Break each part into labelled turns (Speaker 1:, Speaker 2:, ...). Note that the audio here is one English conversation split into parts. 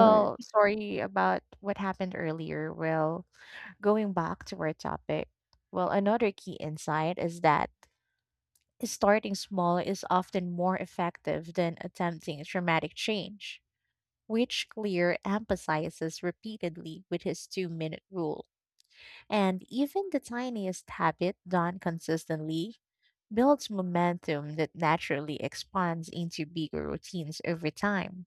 Speaker 1: Sure.
Speaker 2: Well, sorry about what happened earlier. Well, going back to our topic, well, another key insight is that starting small is often more effective than attempting dramatic change, which Clear emphasizes repeatedly with his two-minute rule. And even the tiniest habit done consistently builds momentum that naturally expands into bigger routines over time.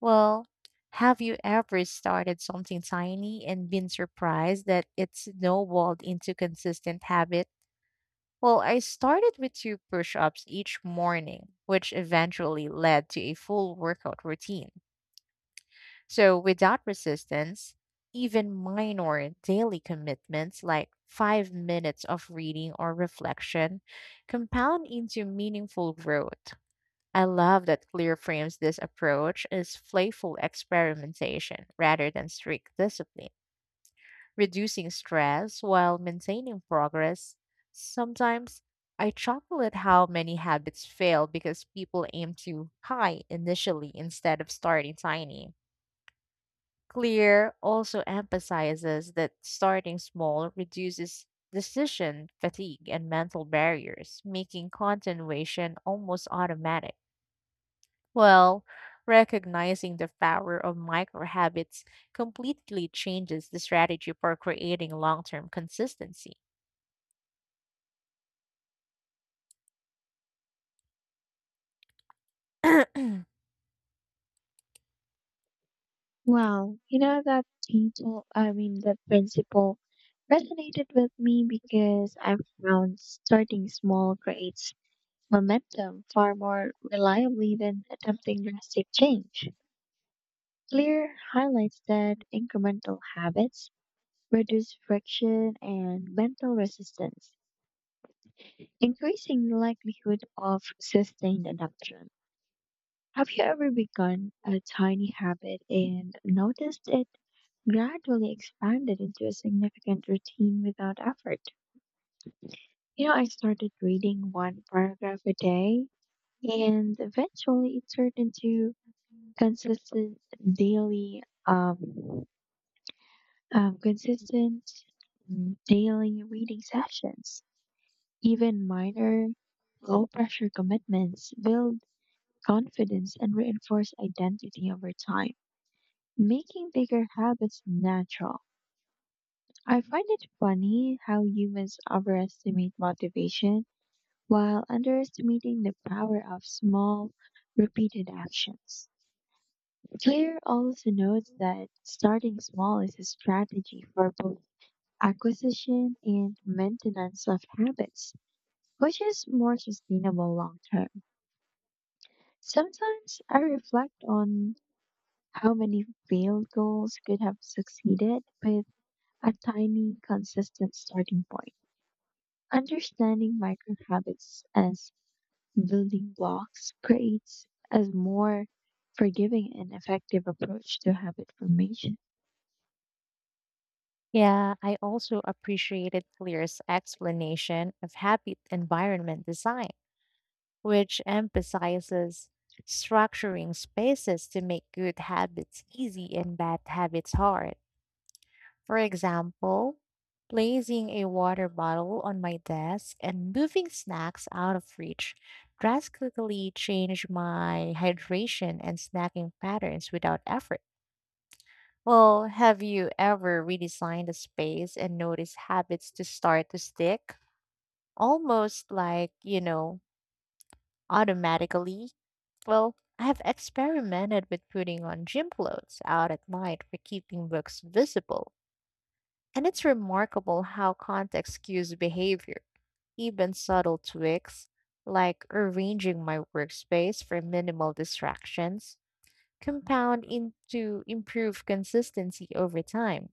Speaker 2: Well, have you ever started something tiny and been surprised that it snowballed into consistent habit? Well, I started with two push ups each morning, which eventually led to a full workout routine. So, without resistance, even minor daily commitments like 5 minutes of reading or reflection compound into meaningful growth. I love that Clear frames this approach as playful experimentation rather than strict discipline, reducing stress while maintaining progress. Sometimes I chuckle at how many habits fail because people aim too high initially instead of starting tiny. Clear also emphasizes that starting small reduces decision fatigue and mental barriers, making continuation almost automatic. Well, recognizing the power of micro habits completely changes the strategy for creating long term consistency.
Speaker 1: Wow. I mean, that principle resonated with me because I've found starting small creates momentum far more reliably than attempting drastic change. Clear highlights that incremental habits reduce friction and mental resistance, increasing the likelihood of sustained adoption. Have you ever begun a tiny habit and noticed it gradually expanded into a significant routine without effort? I started reading one paragraph a day, and eventually it turned into consistent daily, um, consistent daily reading sessions. Even minor low pressure commitments build confidence and reinforce identity over time, making bigger habits natural. I find it funny how humans overestimate motivation while underestimating the power of small, repeated actions. Claire also notes that starting small is a strategy for both acquisition and maintenance of habits, which is more sustainable long term. Sometimes I reflect on how many failed goals could have succeeded with a tiny, consistent starting point. Understanding micro habits as building blocks creates a more forgiving and effective approach to habit formation.
Speaker 2: Yeah, I also appreciated Clear's explanation of habit environment design, which emphasizes structuring spaces to make good habits easy and bad habits hard. For example, placing a water bottle on my desk and moving snacks out of reach drastically changed my hydration and snacking patterns without effort. Well, have you ever redesigned a space and noticed habits to start to stick? Almost like, automatically. Well, I have experimented with putting on gym clothes out at night for keeping books visible, and it's remarkable how context cues behavior. Even subtle tweaks, like arranging my workspace for minimal distractions, compound into improved consistency over time.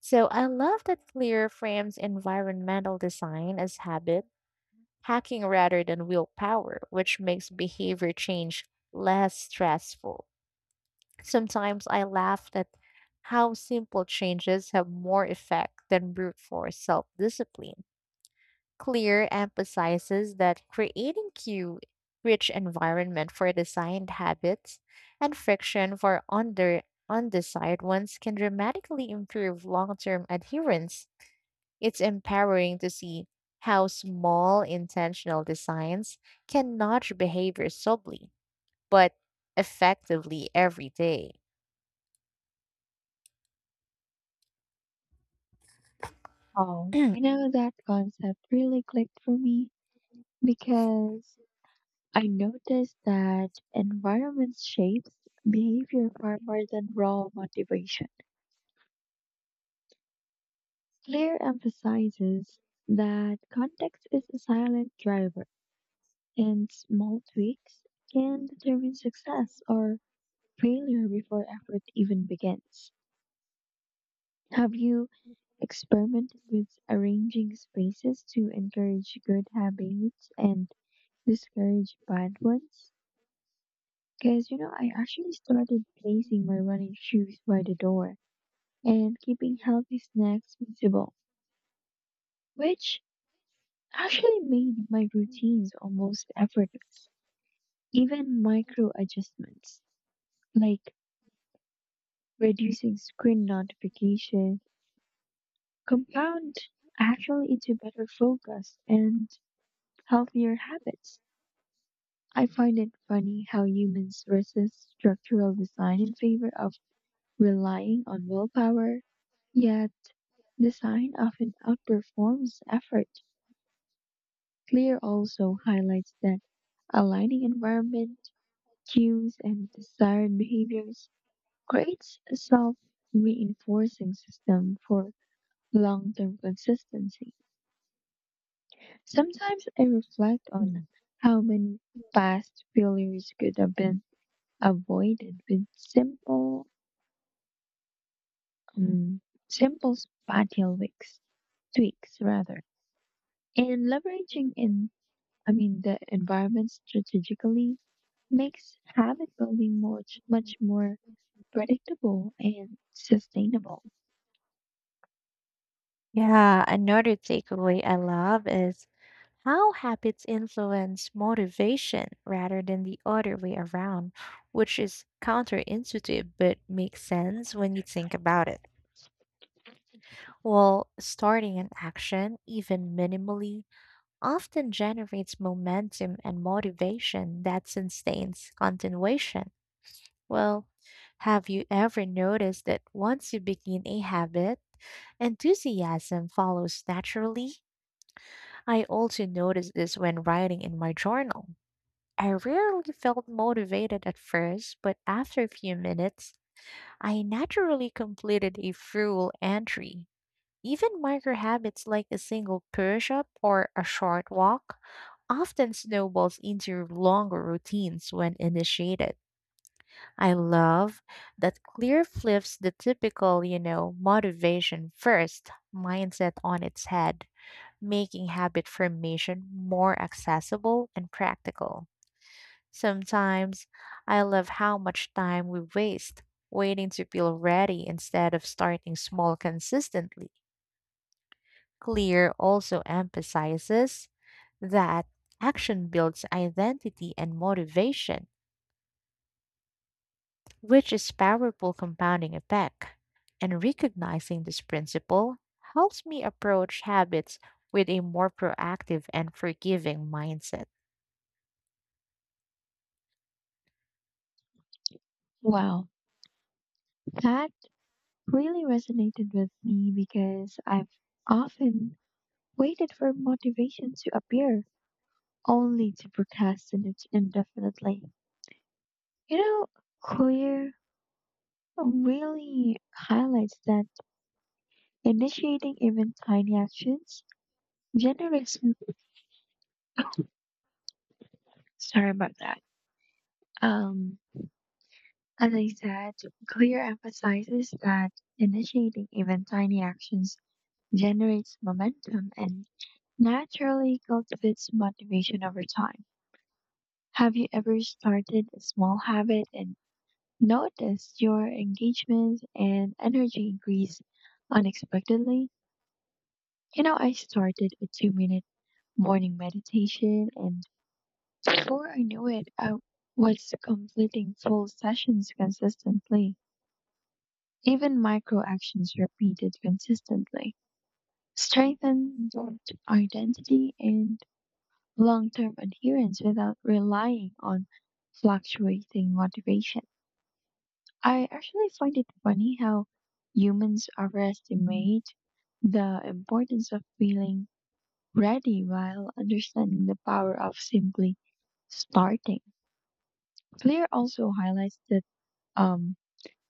Speaker 2: So I love that Clear frames environmental design as habit hacking rather than willpower, which makes behavior change less stressful. Sometimes I laugh at how simple changes have more effect than brute force self discipline. Clear emphasizes that creating cue rich environment for designed habits and friction for under undesired ones can dramatically improve long-term adherence. It's empowering to see how small intentional designs can nudge behavior subtly but effectively every day.
Speaker 1: Oh, that concept really clicked for me because I noticed that environment shapes behavior far more than raw motivation. Clear emphasizes that context is a silent driver, and small tweaks can determine success or failure before effort even begins. Have you experimented with arranging spaces to encourage good habits and discourage bad ones? Because, I actually started placing my running shoes by the door and keeping healthy snacks visible, which actually made my routines almost effortless. Even micro adjustments like reducing screen notifications compound actually into better focus and healthier habits. I find it funny how humans resist structural design in favor of relying on willpower, yet design often outperforms effort. Clear also highlights that aligning environment, cues, and desired behaviors creates a self-reinforcing system for long-term consistency. Sometimes I reflect on how many past failures could have been avoided with um, simple spatial tweaks rather. And I mean, the environment strategically makes habit building much, much more predictable and sustainable.
Speaker 2: Yeah, another takeaway I love is how habits influence motivation rather than the other way around, which is counterintuitive but makes sense when you think about it. Well, starting an action, even minimally, often generates momentum and motivation that sustains continuation. Well, have you ever noticed that once you begin a habit, enthusiasm follows naturally? I also noticed this when writing in my journal. I rarely felt motivated at first, but after a few minutes, I naturally completed a full entry. Even micro habits like a single push up or a short walk often snowballs into longer routines when initiated. I love that clear flips the typical, motivation first mindset on its head, making habit formation more accessible and practical. Sometimes I love how much time we waste waiting to feel ready instead of starting small consistently. Clear also emphasizes that action builds identity and motivation, which is powerful compounding effect. And recognizing this principle helps me approach habits with a more proactive and forgiving mindset.
Speaker 1: Wow, that really resonated with me because I've often waited for motivation to appear only to procrastinate indefinitely. You know, Clear really highlights that initiating even tiny actions generates. Sorry about that. Um, as I said, Clear emphasizes that initiating even tiny actions generates momentum and naturally cultivates motivation over time. Have you ever started a small habit and notice your engagement and energy increase unexpectedly? I started a 2-minute morning meditation, and before I knew it, I was completing full sessions consistently. Even micro actions repeated consistently strengthen both identity and long term adherence without relying on fluctuating motivation. I actually find it funny how humans overestimate the importance of feeling ready while understanding the power of simply starting. Clear also highlights that um,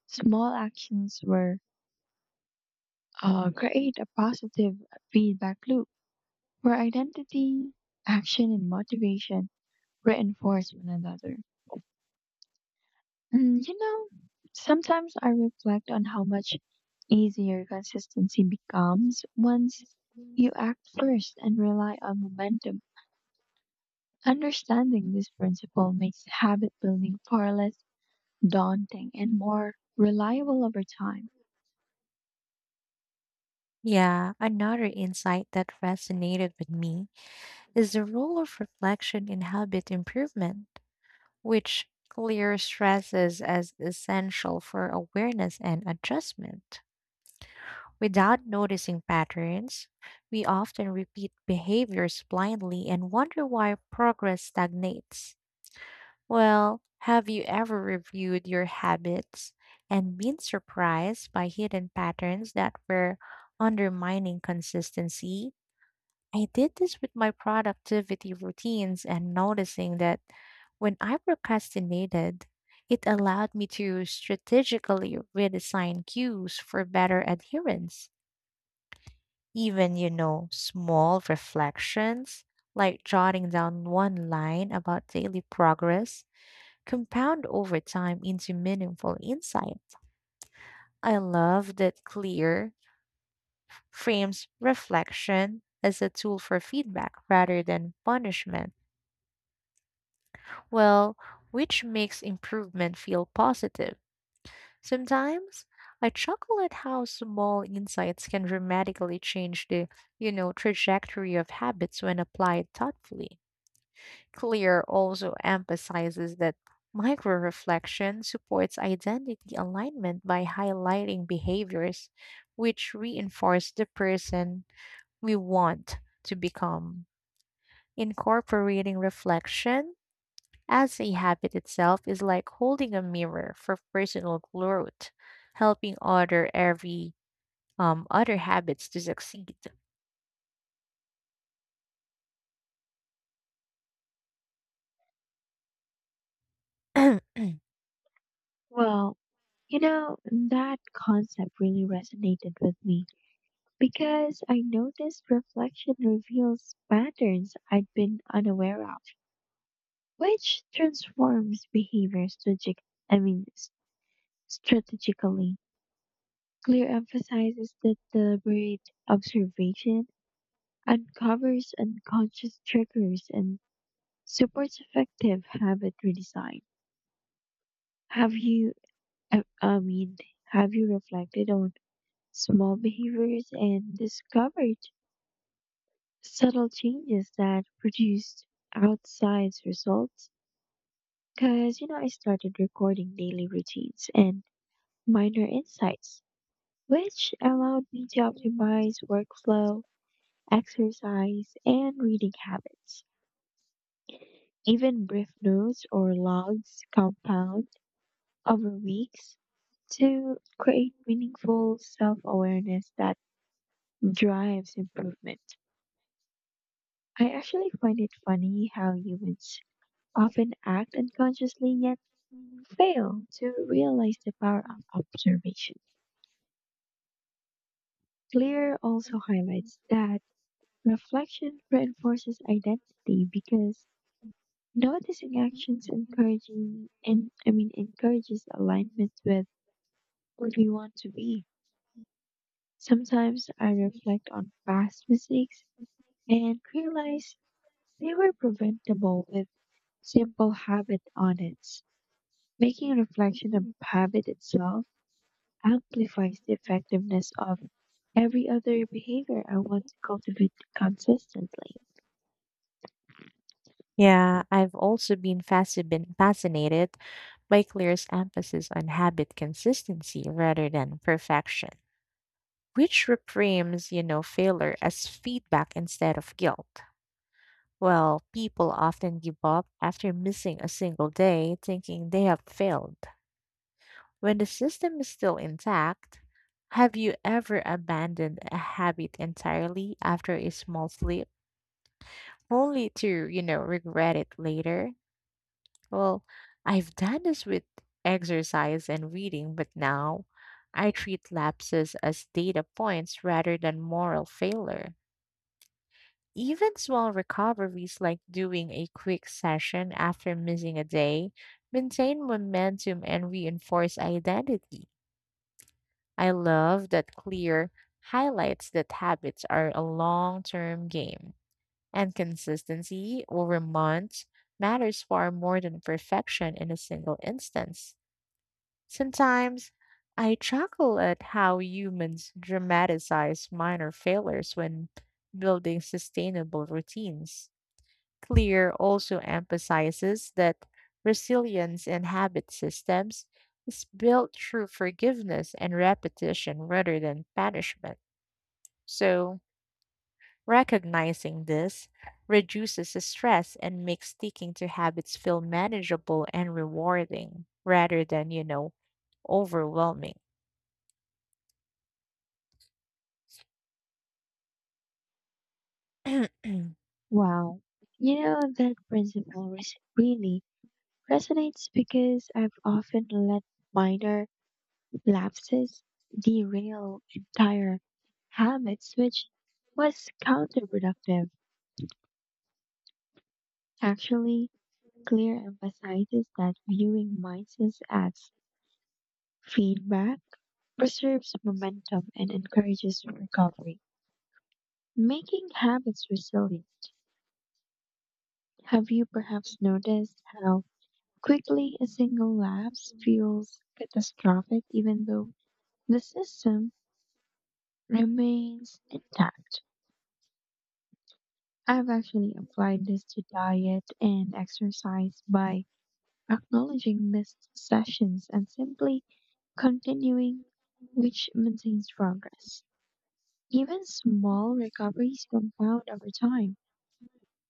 Speaker 1: small actions were create a positive feedback loop where identity, action, and motivation reinforce one another. Mm, you know, sometimes I reflect on how much easier consistency becomes once you act first and rely on momentum. Understanding this principle makes habit building far less daunting and more reliable over time.
Speaker 2: Yeah, another insight that resonated with me is the role of reflection in habit improvement, which clear stresses as essential for awareness and adjustment. Without noticing patterns, we often repeat behaviors blindly and wonder why progress stagnates. Well, have you ever reviewed your habits and been surprised by hidden patterns that were undermining consistency? I did this with my productivity routines and noticing that when I procrastinated, it allowed me to strategically redesign cues for better adherence. Even small reflections like jotting down one line about daily progress compound over time into meaningful insight. I love that clear frames reflection as a tool for feedback rather than punishment. Well, which makes improvement feel positive. Sometimes I chuckle at how small insights can dramatically change the, trajectory of habits when applied thoughtfully. Clear also emphasizes that micro-reflection supports identity alignment by highlighting behaviors which reinforce the person we want to become. Incorporating reflection as a habit itself is like holding a mirror for personal growth, helping other habits to succeed.
Speaker 1: Well, that concept really resonated with me. Because I noticed reflection reveals patterns I'd been unaware of, which transforms behavior strategic I mean, strategically. Clear emphasizes that deliberate observation uncovers unconscious triggers and supports effective habit redesign. Have you, I mean, have you reflected on small behaviors and discovered subtle changes that produced outsized results? Because I started recording daily routines and minor insights, which allowed me to optimize workflow, exercise, and reading habits. Even brief notes or logs compound over weeks to create meaningful self-awareness that drives improvement. I actually find it funny how humans often act unconsciously yet fail to realize the power of observation. Clear also highlights that reflection reinforces identity because noticing actions encouraging and I mean, encourages alignment with who we want to be. Sometimes I reflect on past mistakes and realize they were preventable with simple habit audits. Making reflection a habit itself amplifies the effectiveness of every other behavior I want to cultivate consistently.
Speaker 2: Yeah, I've also been fascinated by Claire's emphasis on habit consistency rather than perfection, which reframes, failure as feedback instead of guilt. Well, people often give up after missing a single day, thinking they have failed when the system is still intact. Have you ever abandoned a habit entirely after a small slip, only to, regret it later? Well, I've done this with exercise and reading, but now I treat lapses as data points rather than moral failure. Even small recoveries like doing a quick session after missing a day maintain momentum and reinforce identity. I love that Clear highlights that habits are a long term game, and consistency over months matters far more than perfection in a single instance. Sometimes I chuckle at how humans dramatize minor failures when building sustainable routines. Clear also emphasizes that resilience in habit systems is built through forgiveness and repetition rather than punishment. So, recognizing this reduces the stress and makes sticking to habits feel manageable and rewarding rather than, overwhelming.
Speaker 1: Wow. That principle really resonates because I've often let minor lapses derail entire habits, which was counterproductive. Actually, Clear emphasizes that viewing mindsets as feedback preserves momentum and encourages recovery, making habits resilient. Have you perhaps noticed how quickly a single lapse feels catastrophic even though the system remains intact? I've actually applied this to diet and exercise by acknowledging missed sessions and simply continuing, which maintains progress. Even small recoveries compound over time,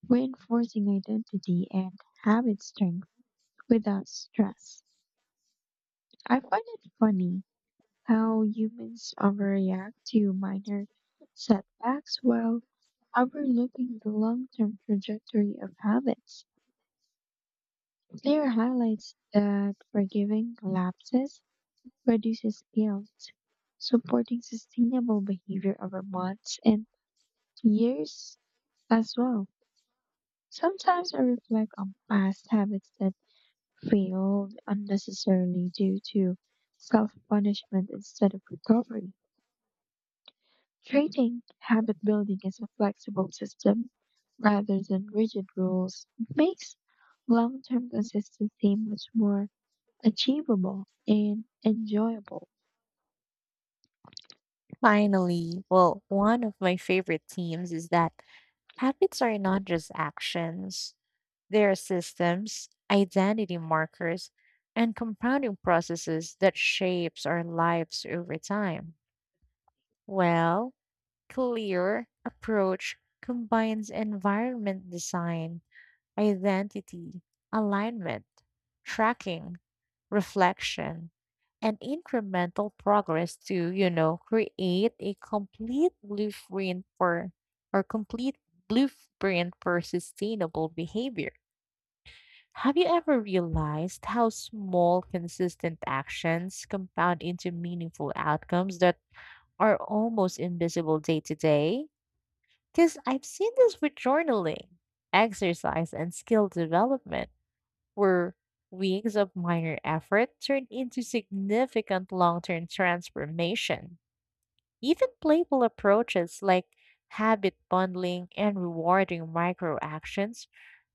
Speaker 1: reinforcing identity and habit strength, without stress. I find it funny how humans overreact to minor setbacks while overlooking the long term trajectory of habits. Clear highlights that forgiving lapses reduces guilt, supporting sustainable behavior over months and years as well. Sometimes I reflect on past habits that failed unnecessarily due to self punishment instead of recovery. Treating habit building as a flexible system rather than rigid rules makes long term consistency much more achievable and enjoyable.
Speaker 2: Finally, well, one of my favorite themes is that habits are not just actions. There are systems, identity markers, and compounding processes that shapes our lives over time. Well, clear approach combines environment design, identity, alignment, tracking, reflection, and incremental progress to, create a complete blueprint for sustainable behavior. Have you ever realized how small, consistent actions compound into meaningful outcomes that are almost invisible day to day? Because I've seen this with journaling, exercise, and skill development, where weeks of minor effort turn into significant long term transformation. Even playful approaches like habit bundling and rewarding micro actions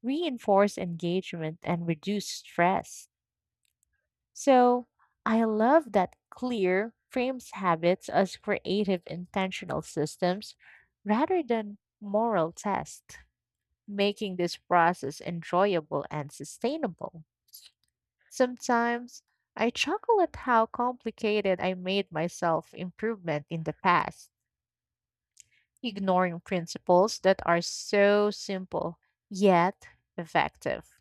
Speaker 2: reinforce engagement and reduce stress. So I love that clear frames habits as creative intentional systems rather than moral tests, making this process enjoyable and sustainable. Sometimes I chuckle at how complicated I made myself improvement in the past, ignoring principles that are so simple yet effective.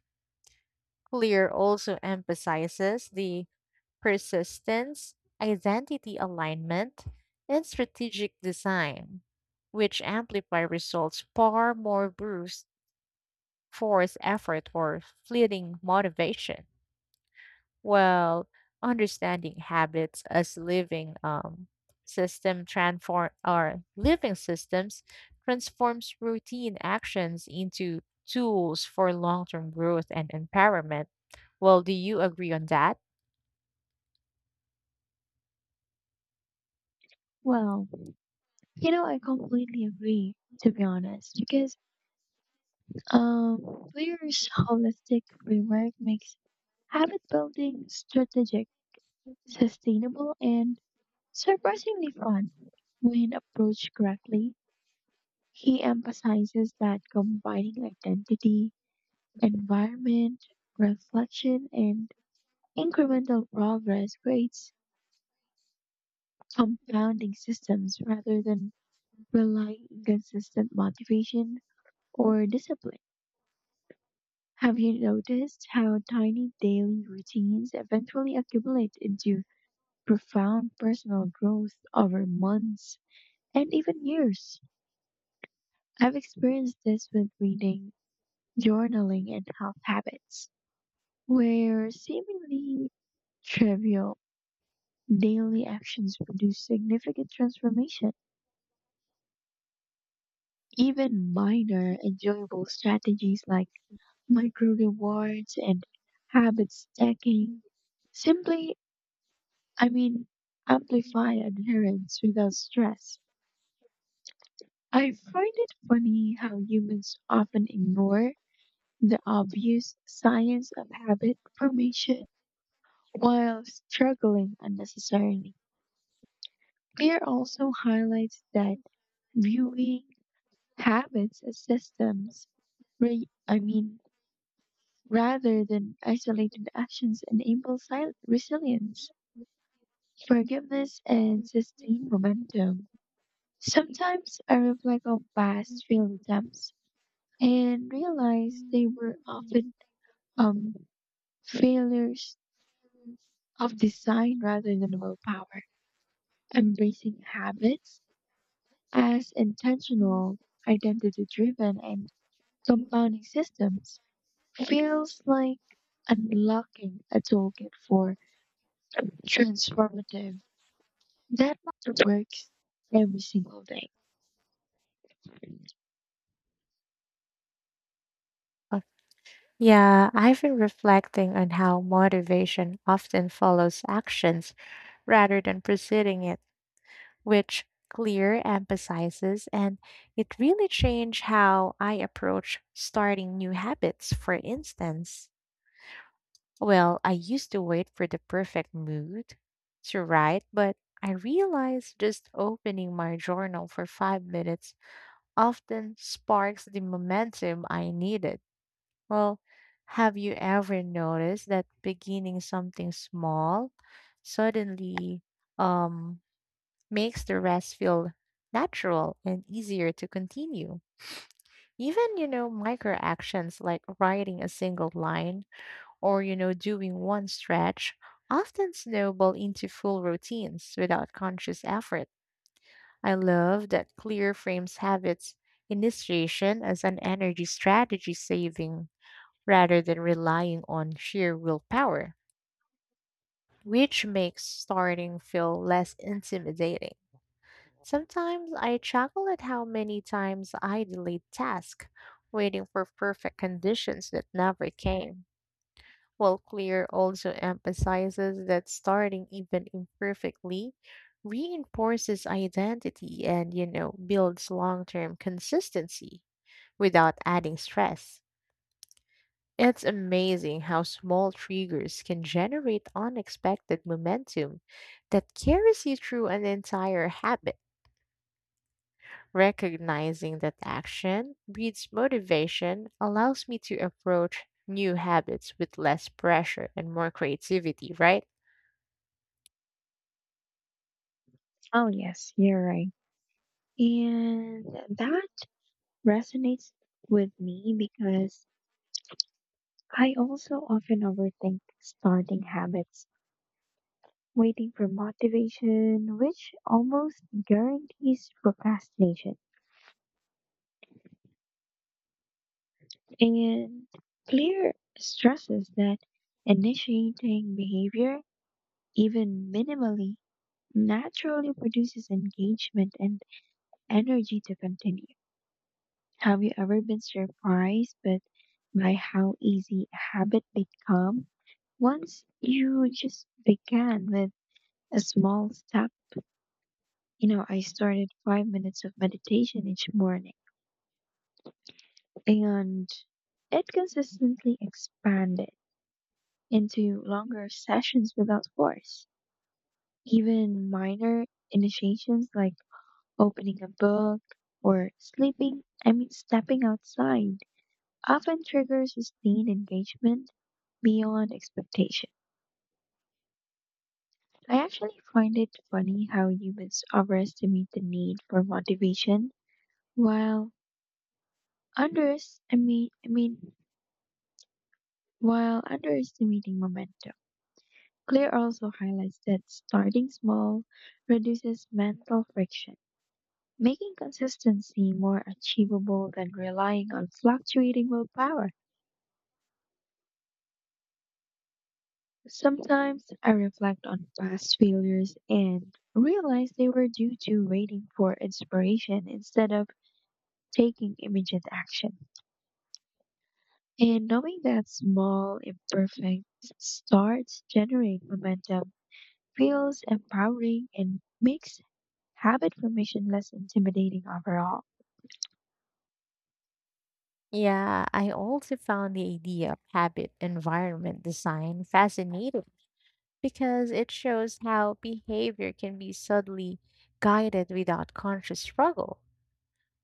Speaker 2: Clear also emphasizes the persistence, identity alignment, and strategic design, which amplify results far more bruised force effort or fleeting motivation, while understanding habits as living systems transforms routine actions into tools for long-term growth and empowerment. Well, do you agree on that?
Speaker 1: Well, I completely agree, to be honest, because um, Clear's holistic framework makes habit building strategic, sustainable, and surprisingly fun when approached correctly. He emphasizes that combining identity, environment, reflection, and incremental progress creates compounding systems rather than relying on consistent motivation or discipline. Have you noticed how tiny daily routines eventually accumulate into profound personal growth over months and even years? I've experienced this with reading, journaling, and health habits, where seemingly trivial daily actions produce significant transformation. Even minor, enjoyable strategies like micro rewards and habit stacking simply, I mean, amplify adherence without stress. I find it funny how humans often ignore the obvious science of habit formation while struggling unnecessarily. Beer also highlights that viewing habits as systems, I mean, rather than isolated actions, enables resilience, forgiveness, and sustained momentum. Sometimes I reflect on past failed attempts and realize they were often um, failures of design rather than willpower. Embracing habits as
Speaker 2: Mm.
Speaker 1: intentional, identity driven, and compounding systems feels like unlocking a toolkit for transformative that works every single day.
Speaker 2: Uh, Yeah, I've been reflecting on how motivation often follows actions rather than preceding it, which clear emphasizes, and it really changed how I approach starting new habits. For instance, well, I used to wait for the perfect mood to write, but I realized just opening my journal for 5 minutes often sparks the momentum I needed. Well, have you ever noticed that beginning something small suddenly um, makes the rest feel natural and easier to continue? Even micro actions like writing a single line or, doing one stretch often snowball into full routines without conscious effort. I love that Clear frames habits initiation as an energy strategy saving rather than relying on sheer willpower, which makes starting feel less intimidating. Sometimes I chuckle at how many times I delayed tasks, waiting for perfect conditions that never came. While Clear also emphasizes that starting even imperfectly reinforces identity and, builds long term consistency without adding stress. It's amazing how small triggers can generate unexpected momentum that carries you through an entire habit. Recognizing that action breeds motivation allows me to approach new habits with less pressure and more creativity, right?
Speaker 1: Oh, yes, you're right. And that resonates with me because I also often overthink starting habits, waiting for motivation, which almost guarantees procrastination. And Clear stresses that initiating behavior, even minimally, naturally produces engagement and energy to continue. Have you ever been surprised but by how easy a habit becomes once you just began with a small step? I started 5 minutes of meditation each morning and it consistently expanded into longer sessions without force. Even minor initiations like opening a book or I mean, stepping outside often triggers sustained engagement beyond expectation. I actually find it funny how humans overestimate the need for motivation while others, I mean, while underestimating momentum. Clear also highlights that starting small reduces mental friction, making consistency more achievable than relying on fluctuating willpower. Sometimes I reflect on past failures and realize they were due to waiting for inspiration instead of taking immediate action. And knowing that small, imperfect starts generate momentum feels empowering and makes habit formation less intimidating overall.
Speaker 2: Yeah, I also found the idea of habit environment design fascinating because it shows how behavior can be subtly guided without conscious struggle.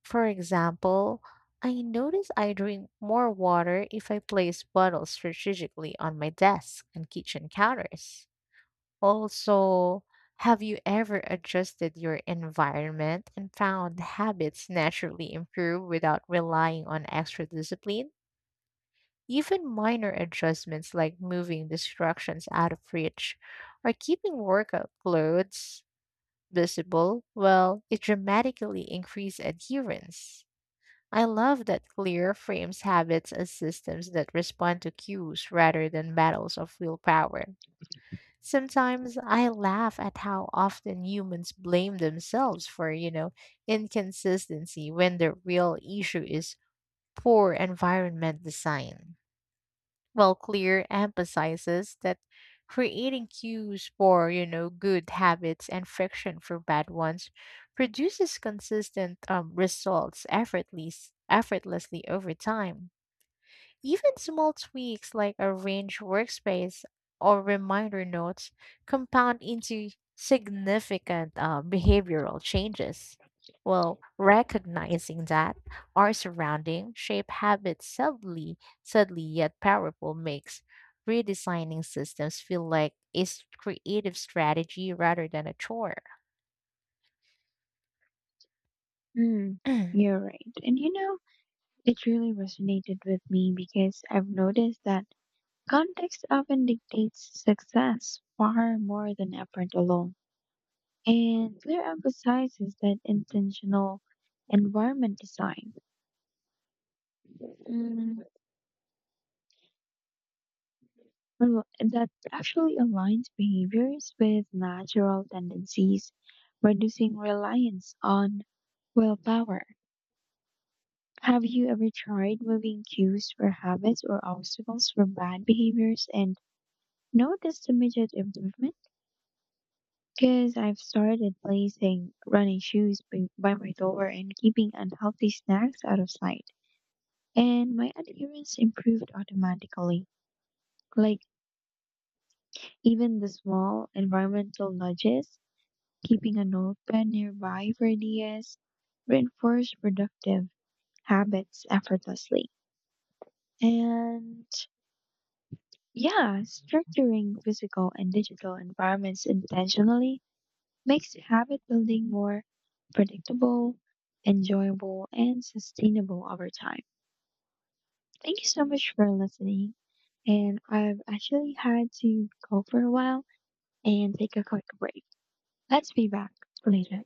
Speaker 2: For example, I notice I drink more water if I place bottles strategically on my desk and kitchen counters. Also, have you ever adjusted your environment and found habits naturally improve without relying on extra discipline? Even minor adjustments like moving distractions out of reach or keeping workout clothes visible, well, it dramatically increase adherence. I love that Clear frames habits as systems that respond to cues rather than battles of willpower. Sometimes I laugh at how often humans blame themselves for, inconsistency when the real issue is poor environment design. Well, Clear emphasizes that creating cues for, good habits and friction for bad ones produces consistent results effortlessly over time. Even small tweaks like arrange workspace or reminder notes compound into significant behavioral changes. Well, recognizing that our surrounding shape habits subtly yet powerful makes redesigning systems feel like a creative strategy rather than a chore.
Speaker 1: Hmm, you're right. And it really resonated with me because I've noticed that context often dictates success far more than effort alone, and Clear emphasizes that intentional environment design mm, that actually aligns behaviors with natural tendencies, reducing reliance on willpower. Have you ever tried moving cues for habits or obstacles from bad behaviors and noticed immediate improvement? Because I've started placing running shoes by my door and keeping unhealthy snacks out of sight. And my adherence improved automatically. Like, even the small environmental nudges, keeping a notepad nearby for ideas, reinforce productive habits effortlessly. And yeah, structuring physical and digital environments intentionally makes habit building more predictable, enjoyable, and sustainable over time. Thank you so much for listening. And I've actually had to go for a while and take a quick break. Let's be back later.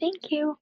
Speaker 1: Thank you.